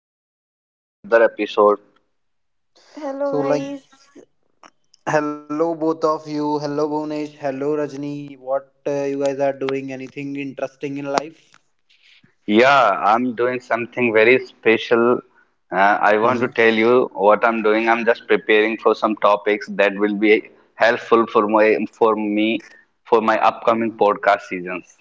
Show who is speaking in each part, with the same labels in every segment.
Speaker 1: welcome to other another episode.
Speaker 2: Hello
Speaker 3: So,
Speaker 2: guys,
Speaker 3: hello both of you, hello Bhunesh, hello Rajni. What, you guys are doing? Anything interesting in life?
Speaker 1: Yeah, I'm doing something very special. I want
Speaker 3: Hmm.
Speaker 1: to tell you what I'm doing. I'm just preparing for some topics that will be helpful for my for me for my upcoming podcast seasons.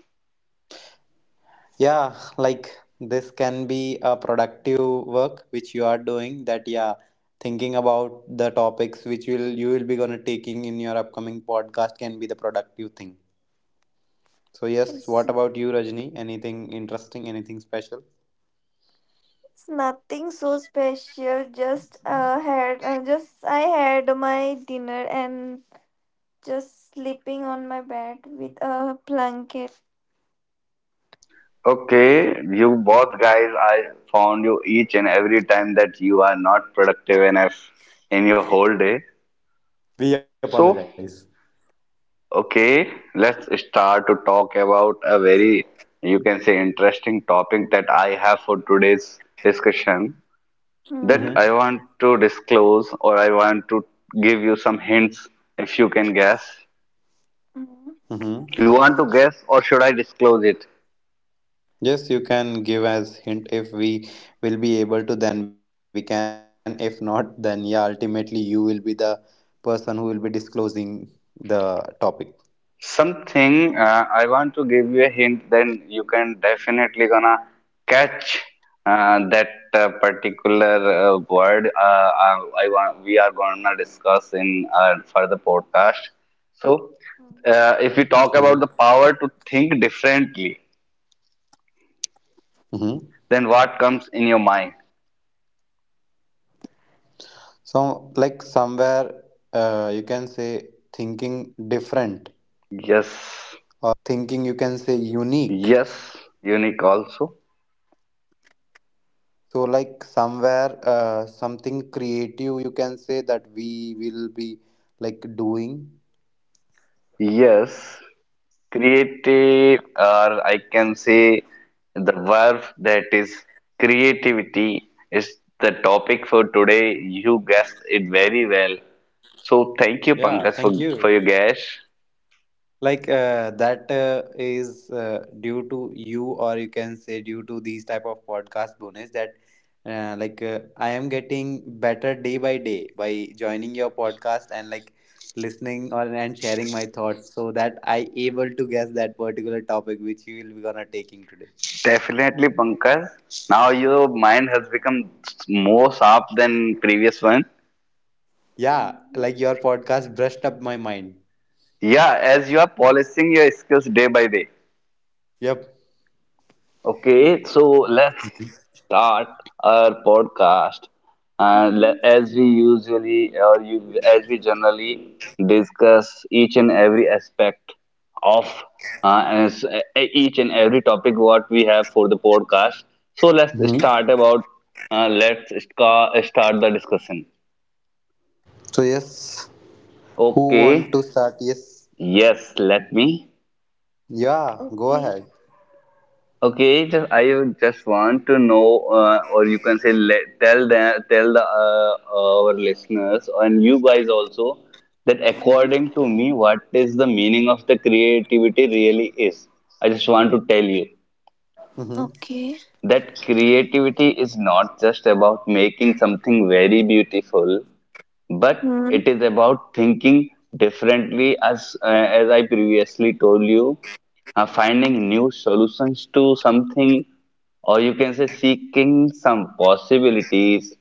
Speaker 3: Yeah, like this can be a productive work which you are doing. That yeah, thinking about the topics which will you will be gonna taking in your upcoming podcast can be the productive thing. So yes, what
Speaker 2: it's,
Speaker 3: about you, Rajni? Anything interesting? Anything special?
Speaker 2: it's nothing so special. Just I had my dinner and just sleeping on my bed with a blanket.
Speaker 1: Okay, you both guys, I found you each and every time that you are not productive enough in your whole day.
Speaker 3: We
Speaker 1: So,
Speaker 3: apologize.
Speaker 1: okay, let's start to talk about a very, you can say, interesting topic that I have for today's discussion that
Speaker 3: Mm-hmm.
Speaker 2: Hmm.
Speaker 1: I want to disclose or I want to give you some hints if you can guess.
Speaker 2: Hmm.
Speaker 3: Mm-hmm.
Speaker 1: You want to guess or should I disclose it?
Speaker 3: Yes, you can give as hint if we will be able to, then we can. If not, then yeah, ultimately you will be the person who will be disclosing the topic.
Speaker 1: Something, I want to give you a hint, then you can definitely gonna catch that particular word. I want We are gonna discuss in further podcast. So,
Speaker 2: Hmm.
Speaker 1: if we talk
Speaker 3: Mm-hmm.
Speaker 1: about the power to think differently, then what comes in your mind?
Speaker 3: So, like somewhere, you can say thinking different
Speaker 1: Yes,
Speaker 3: or thinking you can say unique.
Speaker 1: yes, unique also.
Speaker 3: So, like somewhere, something creative you can say that we will be like doing.
Speaker 1: Yes, creative, or I can say the verb that is creativity, is the topic for today. You guessed it very well. So thank you,
Speaker 3: Yeah,
Speaker 1: Pankaj,
Speaker 3: thank
Speaker 1: for,
Speaker 3: you.
Speaker 1: for your guess.
Speaker 3: Like that is due to you or you can say due to these type of podcast bonus that I am getting better day by day by joining your podcast and like listening or and sharing my thoughts so that I able to guess that particular topic which you will be gonna taking today.
Speaker 1: Definitely, Pankaj. Now your mind has become more sharp than previous one.
Speaker 3: Yeah, like your podcast brushed up my mind.
Speaker 1: Yeah, as you are polishing your skills day by day.
Speaker 3: Yep.
Speaker 1: Okay, so let's start our podcast. And
Speaker 2: Hmm.
Speaker 1: as we usually, as we generally discuss each and every aspect of uh, as, uh, each and every topic what we have for the podcast. So let's
Speaker 2: Hmm.
Speaker 3: Hmm.
Speaker 1: start about. Let's start the discussion.
Speaker 3: So yes, who
Speaker 1: Okay.
Speaker 3: want to start? Yes.
Speaker 1: Yes, let me.
Speaker 3: Yeah, go
Speaker 2: Okay.
Speaker 3: ahead.
Speaker 1: Okay, just I would just want to know, or you can say, tell the our listeners and you guys also that according to me, what is the meaning of the creativity really is. I just want to tell you
Speaker 3: Mm-hmm.
Speaker 2: Okay.
Speaker 1: that creativity is not just about making something very beautiful, but
Speaker 2: Hmm.
Speaker 1: it is about thinking differently, as I previously told you, finding new solutions to something, or you can say seeking some possibilities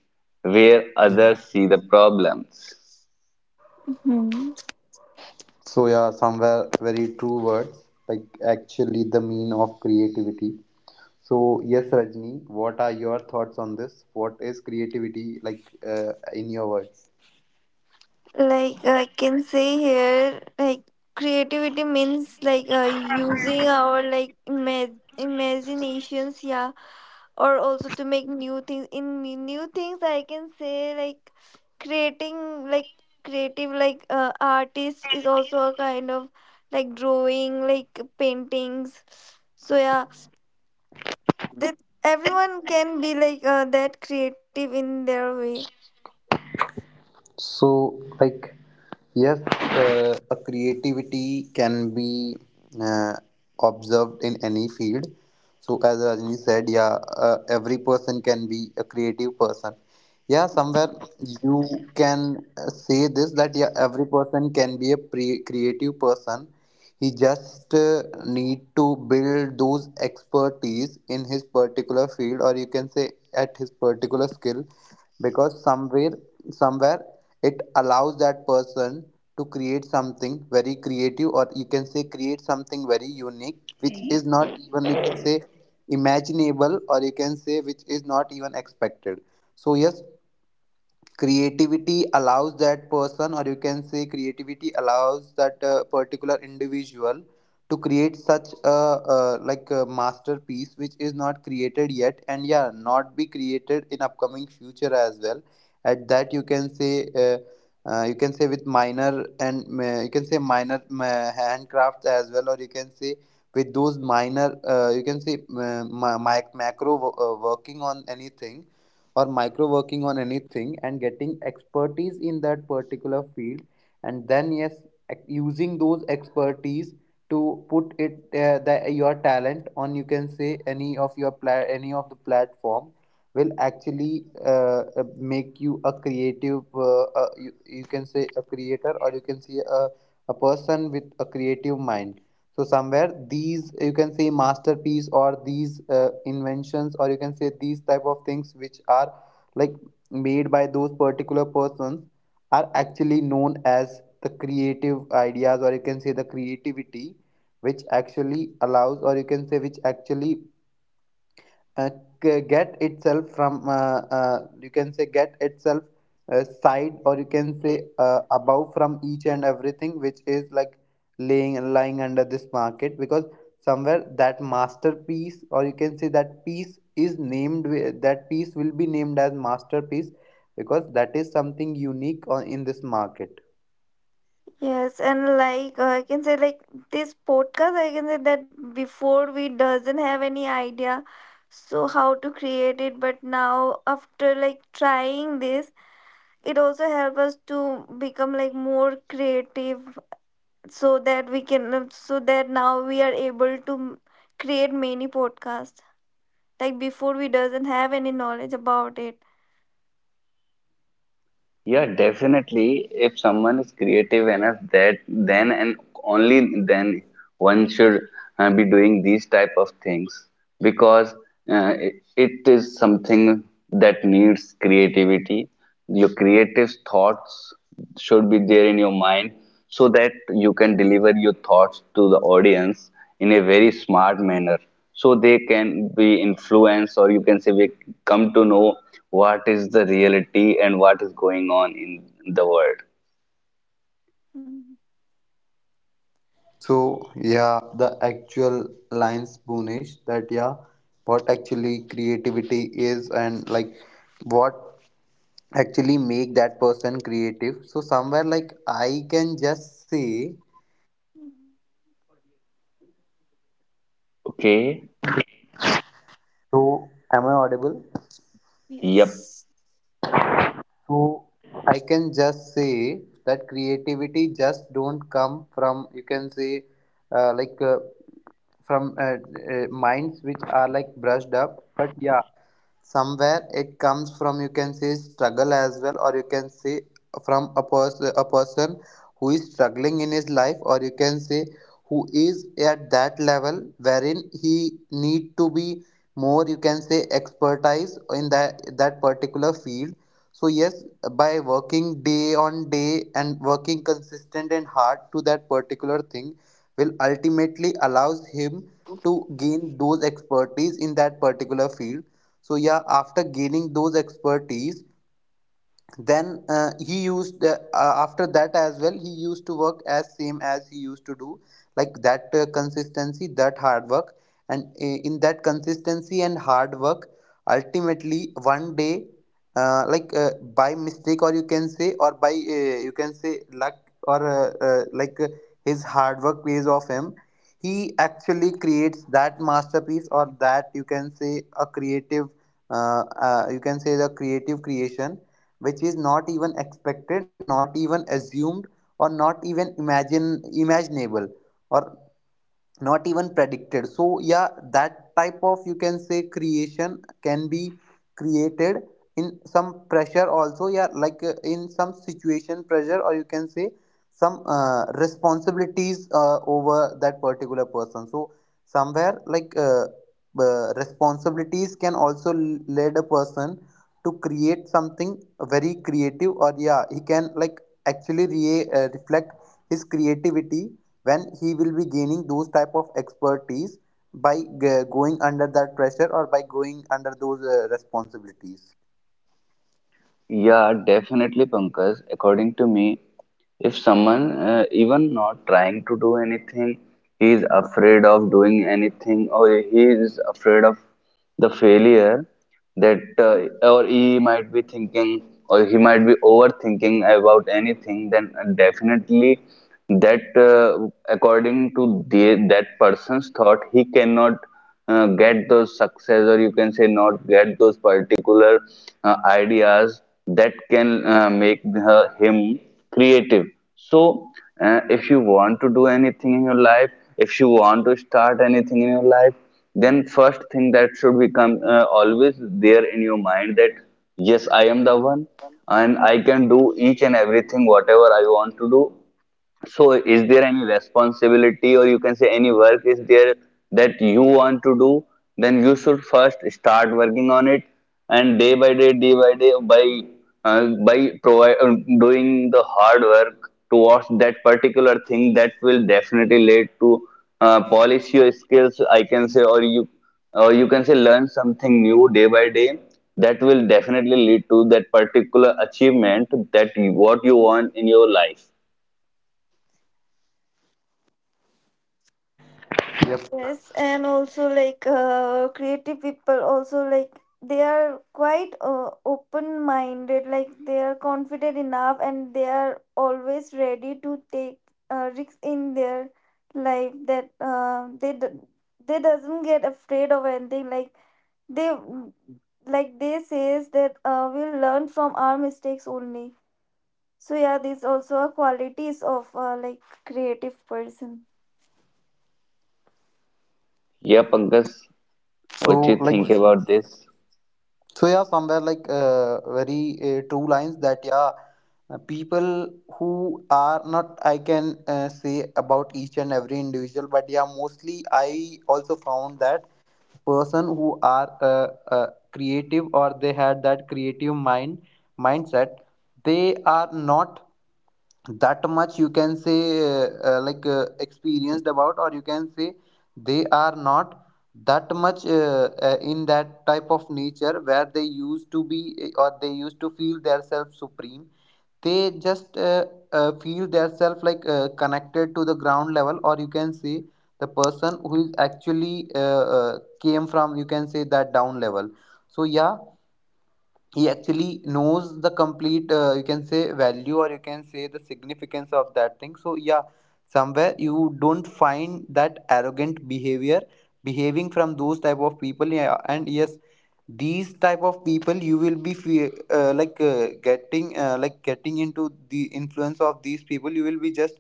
Speaker 1: where others see the problems.
Speaker 2: Hmm.
Speaker 3: So yeah, somewhere very true words, like actually the mean of creativity. So yes, Rajni, what are your thoughts on this? What is creativity like in your words?
Speaker 2: Like I can say here, like creativity means using our like imaginations. Yeah, or also to make new things in new things I can say like creating, like creative, artist is also a kind of like drawing, like paintings. So yeah, that everyone can be that creative in their way.
Speaker 3: So, like, yes, a creativity can be uh, observed in any field. So, as Rajni said, yeah, every person can be a creative person. Yeah, somewhere you can say this that yeah, every person can be a creative person. He just need to build those expertise in his particular field, or you can say at his particular skill, because somewhere it allows that person to create something very creative, or you can say create something very unique which is not even, you can say, imaginable, or you can say which is not even expected. So yes, creativity allows that person, or you can say creativity allows that particular individual to create such a like a masterpiece which is not created yet and yeah not be created in upcoming future as well, at that uh, you can say with minor and you can say minor handcrafts as well, or you can say with those minor you can say macro working on anything or micro working on anything and getting expertise in that particular field. And then yes, using those expertise to put it the, your talent on you can say any of your any of the platform will actually make you a creative you can say a creator, or you can see a person with a creative mind. So somewhere these you can say masterpiece or these inventions, or you can say these type of things which are like made by those particular persons are actually known as the creative ideas, or you can say the creativity which actually allows or you can say which actually uh, get itself from you can say get itself side or you can say above from each and everything which is like laying lying under this market, because somewhere that masterpiece or you can say that piece is named that piece will be named as masterpiece because that is something unique on, in this market.
Speaker 2: Yes, and I can say like this podcast, I can say that before we doesn't have any idea so how to create it, but now after like trying this, it also help us to become like more creative, so that we can so that now we are able to create many podcasts, like before we doesn't have any knowledge about it.
Speaker 1: Yeah, definitely. If someone is creative enough, that then and only then one should be doing these type of things, because it is something that needs creativity. Your creative thoughts should be there in your mind so that you can deliver your thoughts to the audience in a very smart manner so they can be influenced, or you can say we come to know what is the reality and what is going on in the world.
Speaker 2: Mm,
Speaker 3: So yeah, the actual lines Bunish, that yeah, what actually creativity is and like what actually make that person creative. So somewhere like I can just say
Speaker 1: Okay.
Speaker 4: So, am I audible?
Speaker 1: Yep.
Speaker 2: yes.
Speaker 4: So I can just say that creativity just don't come from, you can say, uh, like uh, from minds which are like brushed up, but yeah, somewhere it comes from, you can say, struggle as well, or you can say from a person who is struggling in his life, or you can say who is at that level wherein he need to be more, you can say, expertise in that particular field. So yes, by working day on day and working consistent and hard to that particular thing will ultimately allows him to gain those expertise in that particular field. So yeah, after gaining those expertise, then he used after that as well he used to work as same as he used to do like that, consistency, that hard work, and in that consistency and hard work ultimately one day, uh, like uh, by mistake, or you can say, or by, you can say, luck, or his hard work pays off him. He actually creates that masterpiece, or that, you can say, a creative, you can say, the creative creation which is not even expected, not even assumed, or not even imagine imaginable or not even predicted. So yeah, that type of, you can say, creation can be created in some pressure also, yeah, like in some situation pressure, or you can say some responsibilities over that particular person. So somewhere like, responsibilities can also lead a person to create something very creative. Or yeah, he can like actually reflect his creativity when he will be gaining those type of expertise by going under that pressure, or by going under those responsibilities.
Speaker 1: Yeah, definitely, Pankaj. According to me, if someone, even not trying to do anything, he is afraid of doing anything, or he is afraid of the failure, or he might be thinking, or he might be overthinking about anything, then definitely, that according to that person's thought, he cannot get those success, or you can say not get those particular ideas that can make her, him creative. So, if you want to do anything in your life, if you want to start anything in your life, then first thing that should become always there in your mind, that yes, I am the one and I can do each and everything whatever I want to do. So, is there any responsibility, or you can say any work is there that you want to do? Then you should first start working on it, and day by day, by doing the hard work towards that particular thing, that will definitely lead to, polish your skills, I can say, or you can say learn something new day by day. That will definitely lead to that particular achievement that you, what you want in your life.
Speaker 4: Yep.
Speaker 2: Yes, and also creative people also like they are quite open minded, like they are confident enough and they are always ready to take risks in their life, that they doesn't get afraid of anything, like they, like they says that we'll learn from our mistakes only. So yeah, these also are qualities of like creative person.
Speaker 1: Yeah, Pankaj, what you
Speaker 4: So like,
Speaker 1: think about this?
Speaker 4: so yeah, somewhere like, very true lines that, yeah, people who are not, I can say, about each and every individual, but yeah, mostly I also found that person who are creative, or they had that creative mindset, they are not that much, you can say, experienced about, or you can say they are not that much in that type of nature where they used to be, or they used to feel themselves supreme. They just feel themselves like connected to the ground level, or you can say the person who is actually came from, you can say, that down level. So yeah, he actually knows the complete, you can say, value, or you can say the significance of that thing. So yeah, somewhere you don't find that arrogant behavior behaving from those type of people, yeah. And yes, these type of people, you will be getting, like getting into the influence of these people, you will be just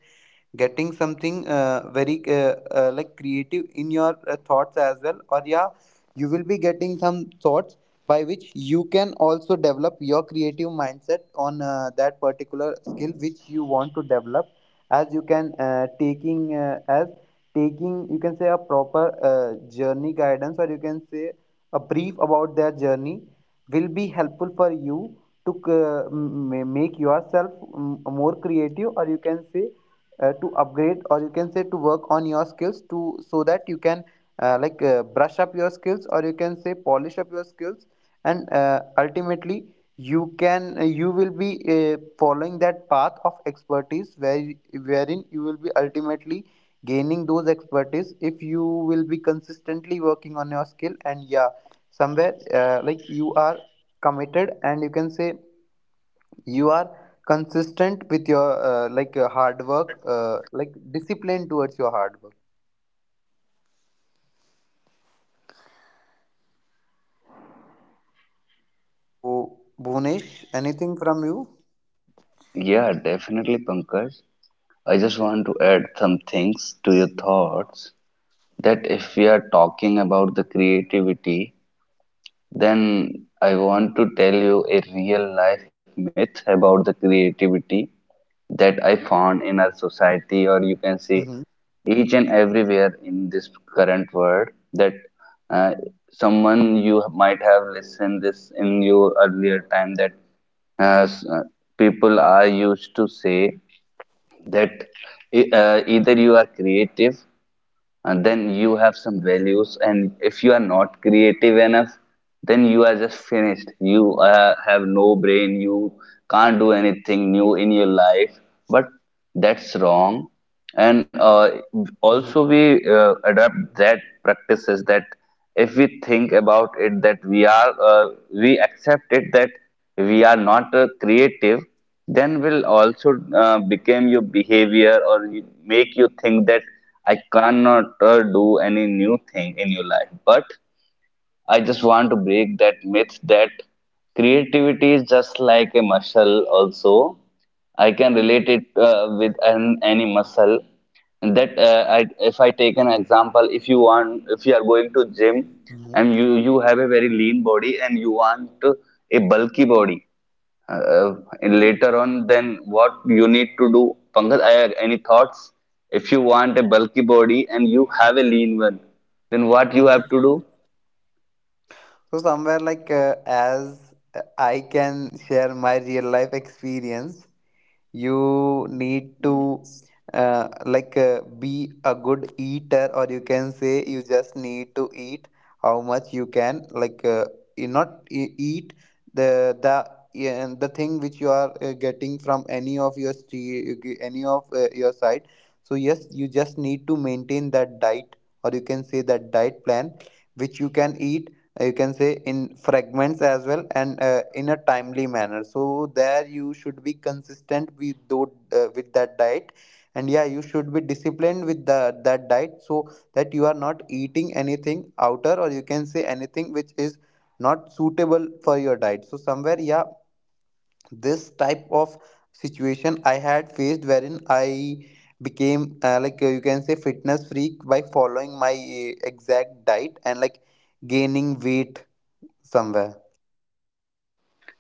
Speaker 4: getting something very like creative in your thoughts as well, or yeah, you will be getting some thoughts by which you can also develop your creative mindset on that particular skill which you want to develop. As you can taking, as taking, you can say, a proper uh, journey guidance, or you can say a brief about their journey will be helpful for you to make yourself more creative, or you can say, to upgrade, or you can say to work on your skills, to so that you can brush up your skills, or you can say polish up your skills. And ultimately, you can you will be following that path of expertise where wherein you will be ultimately gaining those expertise if you will be consistently working on your skill. And yeah, somewhere like you are committed, and you can say you are consistent with your hard work, like discipline towards your hard work. So, Bhunesh, anything from you?
Speaker 1: Yeah, definitely, Pankaj. I just want to add some things to your thoughts, that if we are talking about the creativity, then I want to tell you a real life myth about the creativity that I found in our society, or you can see
Speaker 4: Mm-hmm.
Speaker 1: each and everywhere in this current world, that uh, someone you might have listened this in your earlier time, that uh, s- uh, people are used to say that, either you are creative and then you have some values, and if you are not creative enough, then you are just finished, you have no brain, you can't do anything new in your life. But that's wrong. And also
Speaker 4: Mm-hmm.
Speaker 1: we adapt that practices, that if we think about it, that we accept it that we are not creative, then will also become your behavior, make you think that I cannot do any new thing in your life. But I just want to break that myth, that creativity is just like a muscle, also. I can relate it, with any muscle. And that, if I take an example, if you are going to gym
Speaker 4: Mm-hmm.
Speaker 1: and you have a very lean body and you want a bulky body, uh, and
Speaker 2: Mhm.
Speaker 1: later on, then what you need to do, Pankaj, any thoughts? If you want a bulky body and you have a lean one, then what you have
Speaker 4: Mm-hmm.
Speaker 1: to do?
Speaker 4: So somewhere like, as I can share my real life experience, you need to
Speaker 2: Yes.
Speaker 4: be a good eater, or you can say you just need to eat how much you can, like you not eat the yeah, the thing which you are getting from any of your street, any of your site. So yes, you just need to maintain that diet, or you can say that diet plan, which you can eat, you can say, in fragments as well, and in a timely manner. So there you should be consistent with with that diet, and yeah, you should be disciplined with that diet, so that you are not eating anything outer, or you can say anything which is not suitable for your diet. So somewhere, yeah, this type of situation I had faced wherein I became you can say fitness freak by following my exact diet, and like gaining weight somewhere.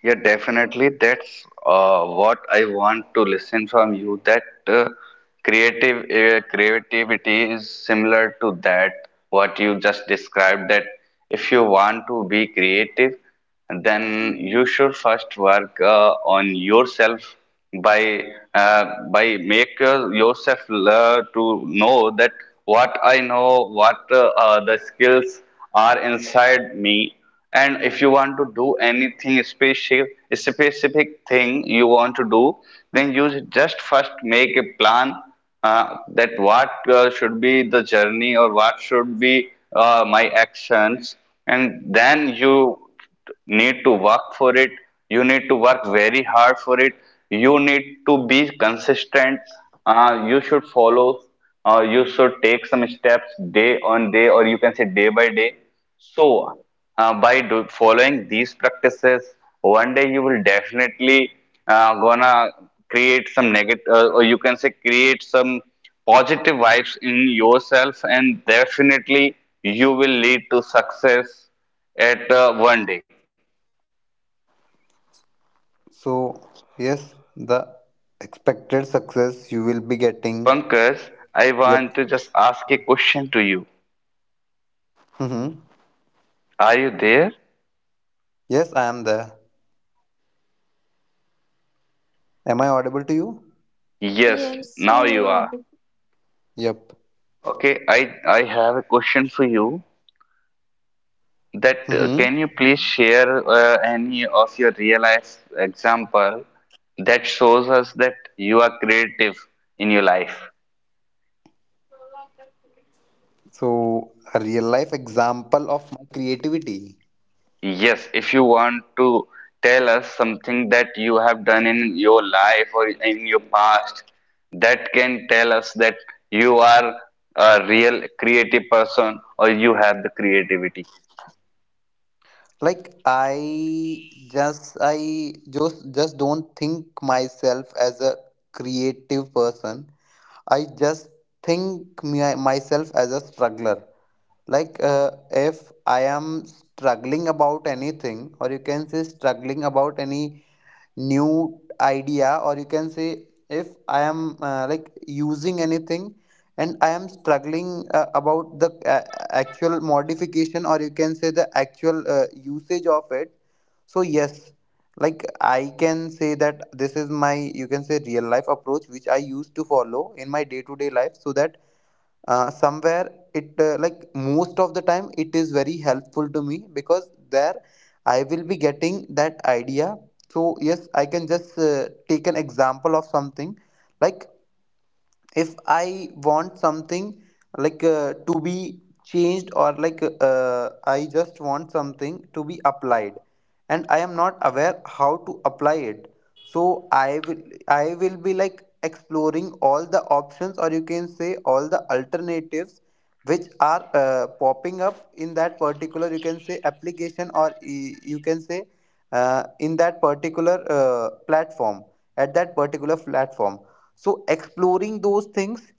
Speaker 1: Yeah, definitely. That's, what I want to listen from you. That, creative creativity is similar to that what you just described. That if you want to be creative, then you should first work on yourself by uh, make yourself to know that what I know, what the skills are inside me. And if you want to do anything specific thing you want to do, then you just first make a plan, that what should be the journey, or what should be my actions. And then you need to work for it, you need to work very hard for it, you need to be consistent, you should follow, you should take some steps day on day, or you can say day by day. So, following these practices, one day you will definitely gonna create some negative, or you can say create some positive vibes in yourself, and definitely you will lead to success at, one day.
Speaker 4: So, yes, the expected success you will be getting.
Speaker 1: Pankaj, I want to
Speaker 4: Yep.
Speaker 1: just ask a question to you.
Speaker 4: Mm-hmm.
Speaker 1: Are you there?
Speaker 4: Yes, I am there. Am I audible to you?
Speaker 1: Yes,
Speaker 2: Yes,
Speaker 1: now you are.
Speaker 2: you.
Speaker 4: Yep.
Speaker 1: Okay, I have a question for you. That,
Speaker 4: Mm-hmm.
Speaker 1: can you please share any of your real life example that shows us that you are creative in your life?
Speaker 4: So, a real life example of my creativity.
Speaker 1: Yes, if you want to tell us something that you have done in your life or in your past, that can tell us that you are a real creative person, or you have the creativity.
Speaker 4: Like I just don't think myself as a creative person. I just think myself as a struggler. Like if I am struggling about anything, or you can say struggling about any new idea, or you can say if I am like using anything, and I am struggling about the, actual modification, or you can say the actual usage of it. So yes, like I can say that this is my, you can say, real life approach which I used to follow in my day to day life, so that somewhere it, like most of the time it is very helpful to me, because there I will be getting that idea. So yes, I can just take an example of something, like if I want something like to be changed, or like I just want something to be applied, and I am not aware how to apply it. So I will, I will be like exploring all the options, or you can say all the alternatives which are popping up in that particular, you can say, application, or you can say in that particular platform, at that particular platform. So, exploring those things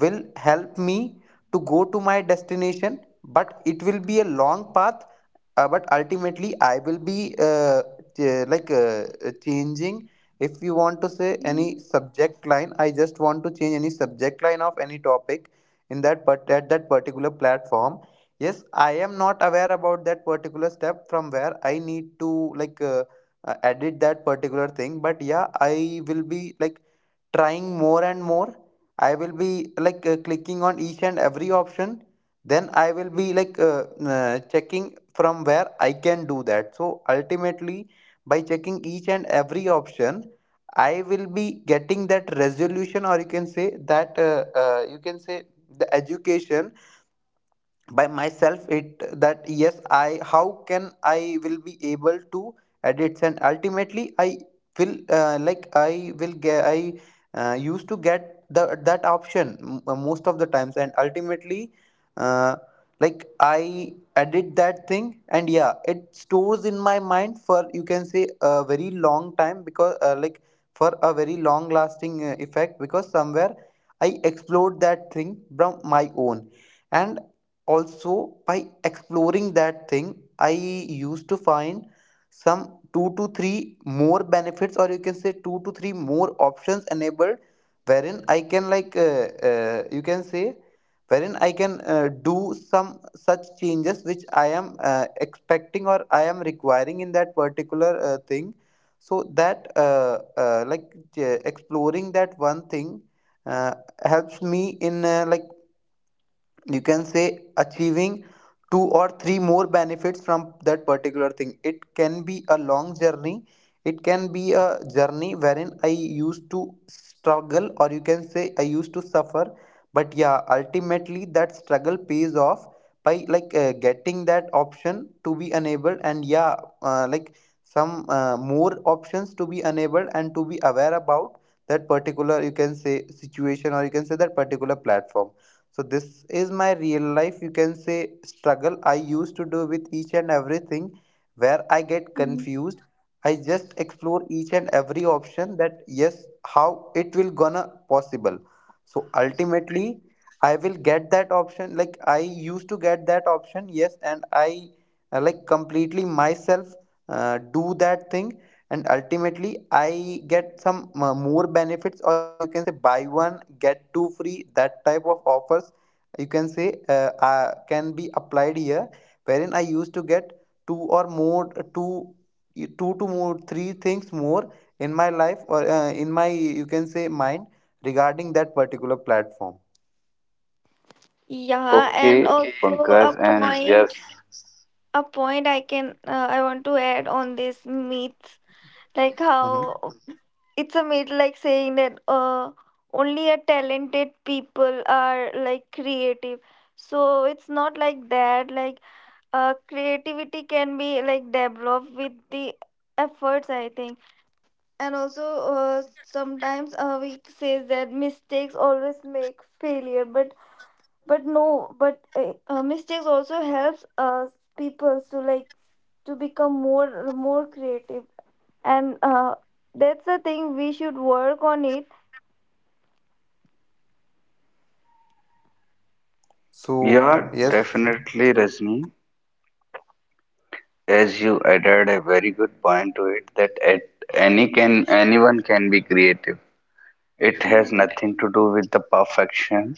Speaker 4: will help me to go to my destination, but it will be a long path. But ultimately, I will be uh, ch- like uh, changing. If you want to say any subject line, I just want to change any subject line of any topic in that part at that particular platform. Yes, I am not aware about that particular step from where I need to, like uh, edit that particular thing. But yeah, I will be like trying more and more. I will be like clicking on each and every option, then I will be like checking from where I can do that. So ultimately, by checking each and every option, I will be getting that resolution, or you can say that, you can say, the education by myself, it that, yes, I how can I will be able to edit. And ultimately, I will like I will get I used to get the that option, most of the times. And ultimately, uh, I edit that thing, and yeah, it stores in my mind for, you can say, a very long time, because like, for a very long lasting effect, because somewhere I explored that thing from my own. And also, by exploring that thing, I used to find some two to three more benefits, or you can say two to three more options enabled, wherein I can you can say, wherein I can do some such changes which I am expecting, or I am requiring, in that particular thing. So that, exploring that one thing uh, helps me in, like, you can say, achieving two or three more benefits from that particular thing. It can be a long journey, it can be a journey wherein I used to struggle, or you can say I used to suffer. But yeah, ultimately that struggle pays off by getting that option to be enabled, and yeah, uh, like some more options to be enabled, and to be aware about that particular, you can say, situation, or you can say that particular platform. So this is my real life, you can say, struggle I used to do with each and everything. Where I get confused, I just explore each and every option, that yes, how it will gonna possible. So ultimately, I will get that option, like I used to get that option. Yes, and I, completely myself, do that thing. And ultimately, I get some more benefits, or you can say, buy one get two free, that type of offers, you can say, can be applied here, wherein I used to get two or more, two to more three things more in my life, or in my, you can say, mind, regarding that particular platform.
Speaker 2: Yeah, and
Speaker 1: Okay,
Speaker 2: also a
Speaker 1: Pankaj, and yes,
Speaker 2: point I can, I want to add on this myth, like
Speaker 4: Hmm.
Speaker 2: how it's a myth, like saying that only a talented people are like creative. So it's not like that. Like creativity can be like developed with the efforts, I think. And also, sometimes we says that mistakes always make failure, but no, but mistakes also helps us people to like to become more creative, and that's the thing we should work on it.
Speaker 4: So
Speaker 1: yeah,
Speaker 4: yes.
Speaker 1: definitely, Rajni. As you added a very good point to it, that at any can anyone can be creative. It has nothing to do with the perfection.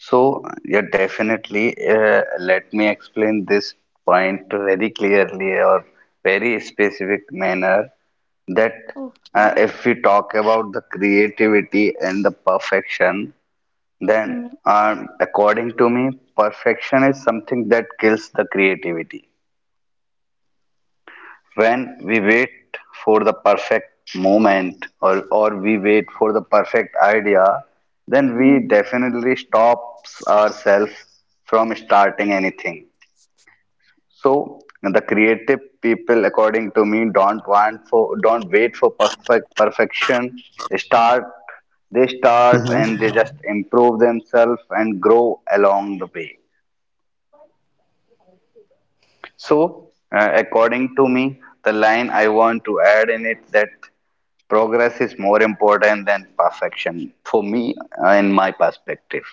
Speaker 1: So, yeah, definitely. Let me explain this point very clearly, or very specific manner. That,
Speaker 2: Okay.
Speaker 1: if we talk about the creativity and the perfection, then, according to me, perfection is something that kills the creativity. When we wait for the perfect moment, or we wait for the perfect idea, then we
Speaker 2: Mm-hmm.
Speaker 1: definitely stops ourselves from starting anything. So the creative people, according to me, don't wait for perfect perfection. Start they start
Speaker 5: Hmm.
Speaker 1: and they just improve themselves and grow along the way. So, according to me, the line I want to add in it, that progress is more important than perfection for me, in my perspective.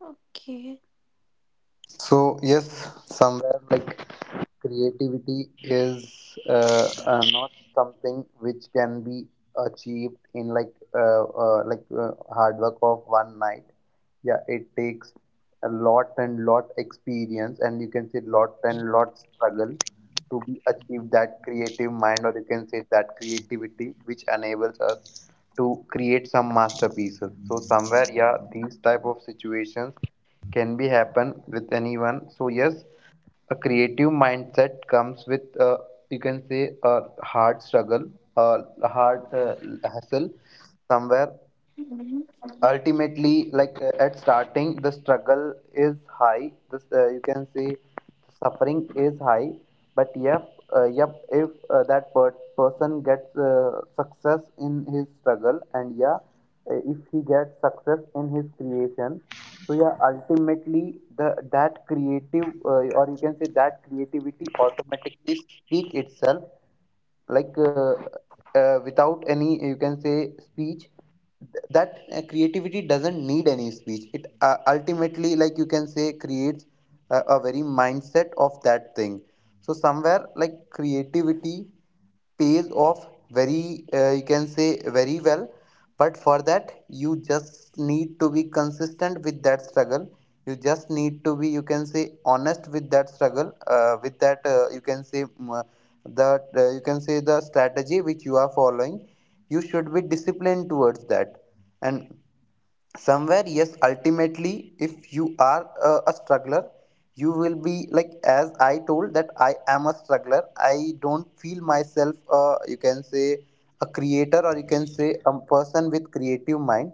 Speaker 2: Okay.
Speaker 5: So yes, somewhere like creativity is not something which can be achieved in like hard work of one night. Yeah, it takes a lot and lot experience, and you can say lot and lot struggle to be achieve that creative mind, or you can say that creativity which enables us to create some masterpieces. So somewhere, yeah, these type of situations can be happen with anyone. So yes, a creative mindset comes with you can say a hard struggle, a hard hassle somewhere
Speaker 2: Hmm.
Speaker 5: ultimately like at starting the struggle is high, this you can say suffering is high, but yep, if that person gets success in his struggle. And yeah, if he gets success in his creation, so yeah, ultimately the that creative or you can say that creativity automatically speak itself, like without any you can say speech. That creativity doesn't need any speech. It ultimately like you can say creates a very mindset of that thing. So somewhere like creativity pays off very you can say very well. But for that you just need to be consistent with that struggle. You just need to be you can say honest with that struggle with that you can say that you can say the strategy which you are following. You should be disciplined towards that. And somewhere yes, ultimately if you are a struggler, you will be like as I told that I am a struggler. I don't feel myself you can say a creator or you can say a person with creative mind.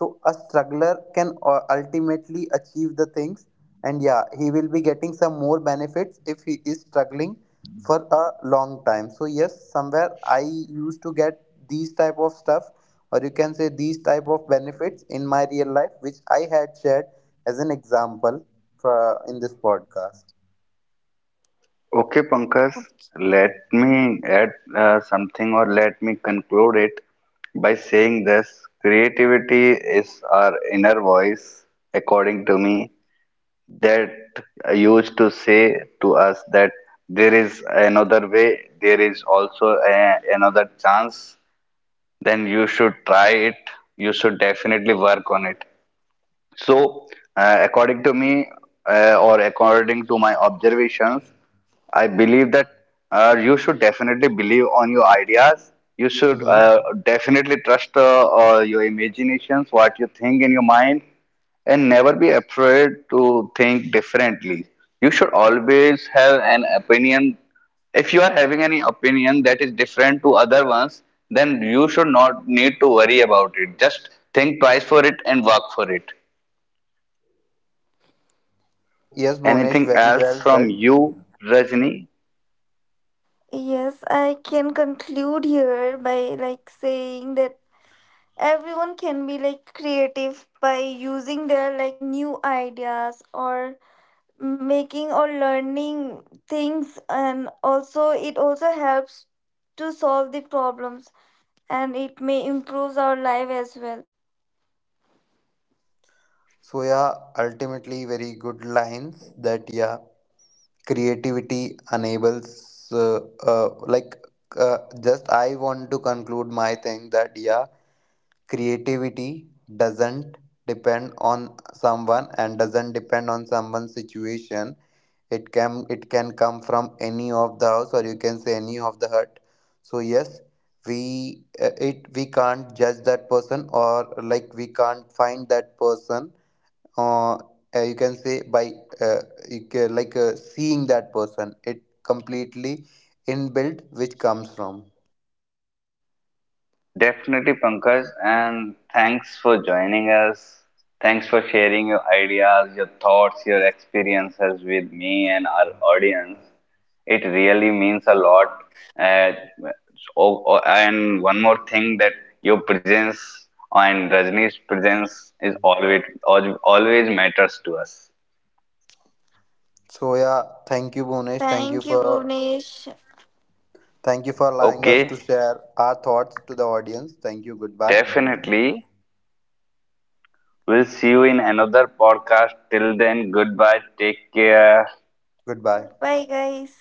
Speaker 5: So a struggler can ultimately achieve the things. And yeah, he will be getting some more benefits if he is struggling for a long time. So yes, somewhere I used to get these type of stuff or you can say these type of benefits in my real life, which I had shared as an example for, in this podcast.
Speaker 1: Okay, Pankaj, let me add, something, or let me conclude it by saying this: creativity is our inner voice, according to me, that used to say to us that there is another way, there is also another chance, then you should try it. You should definitely work on it. So, according to me, or according to my observations, I believe that, you should definitely believe on your ideas. You should
Speaker 5: Hmm.
Speaker 1: definitely trust your imaginations, what you think in your mind, and never be afraid to think differently. You should always have an opinion. If you are having any opinion that is different to other ones, then you should not need to worry about it. Just think twice for it and work for it.
Speaker 5: So yes, Bonesh,
Speaker 1: Anything
Speaker 5: very well
Speaker 1: else from
Speaker 5: said.
Speaker 1: you, Rajni?
Speaker 2: Yes, I can conclude here by like saying that everyone can be like creative by using their like new ideas or making or learning things, and also it also helps to solve the problems, and it may improve our life as well.
Speaker 5: So yeah, ultimately very good lines that yeah, creativity enables uh, like uh, just I want to conclude my thing that yeah, creativity doesn't depend on someone and doesn't depend on someone's situation. It can come from any of the house or you can say any of the hut. So yes, we it we can't judge that person or like we can't find that person you can say by uh, you ca like seeing that person. It completely inbuilt which comes from.
Speaker 1: Definitely, Pankaj, and thanks for joining us. Thanks for sharing your ideas, your thoughts, your experiences with me and our audience. It really means a lot. Uh, oh, and one more thing, that your presence and Rajni's presence is always matters to us.
Speaker 5: So yeah, thank you Bhunesh, thank you
Speaker 2: Thank you,
Speaker 5: for.
Speaker 2: bhuvnesh.
Speaker 5: Thank you for allowing us to
Speaker 1: Okay,
Speaker 5: share our thoughts to the audience. Thank you. Goodbye.
Speaker 1: definitely. We'll see you in another podcast. Till then, goodbye. Take care.
Speaker 5: Goodbye.
Speaker 2: Goodbye guys.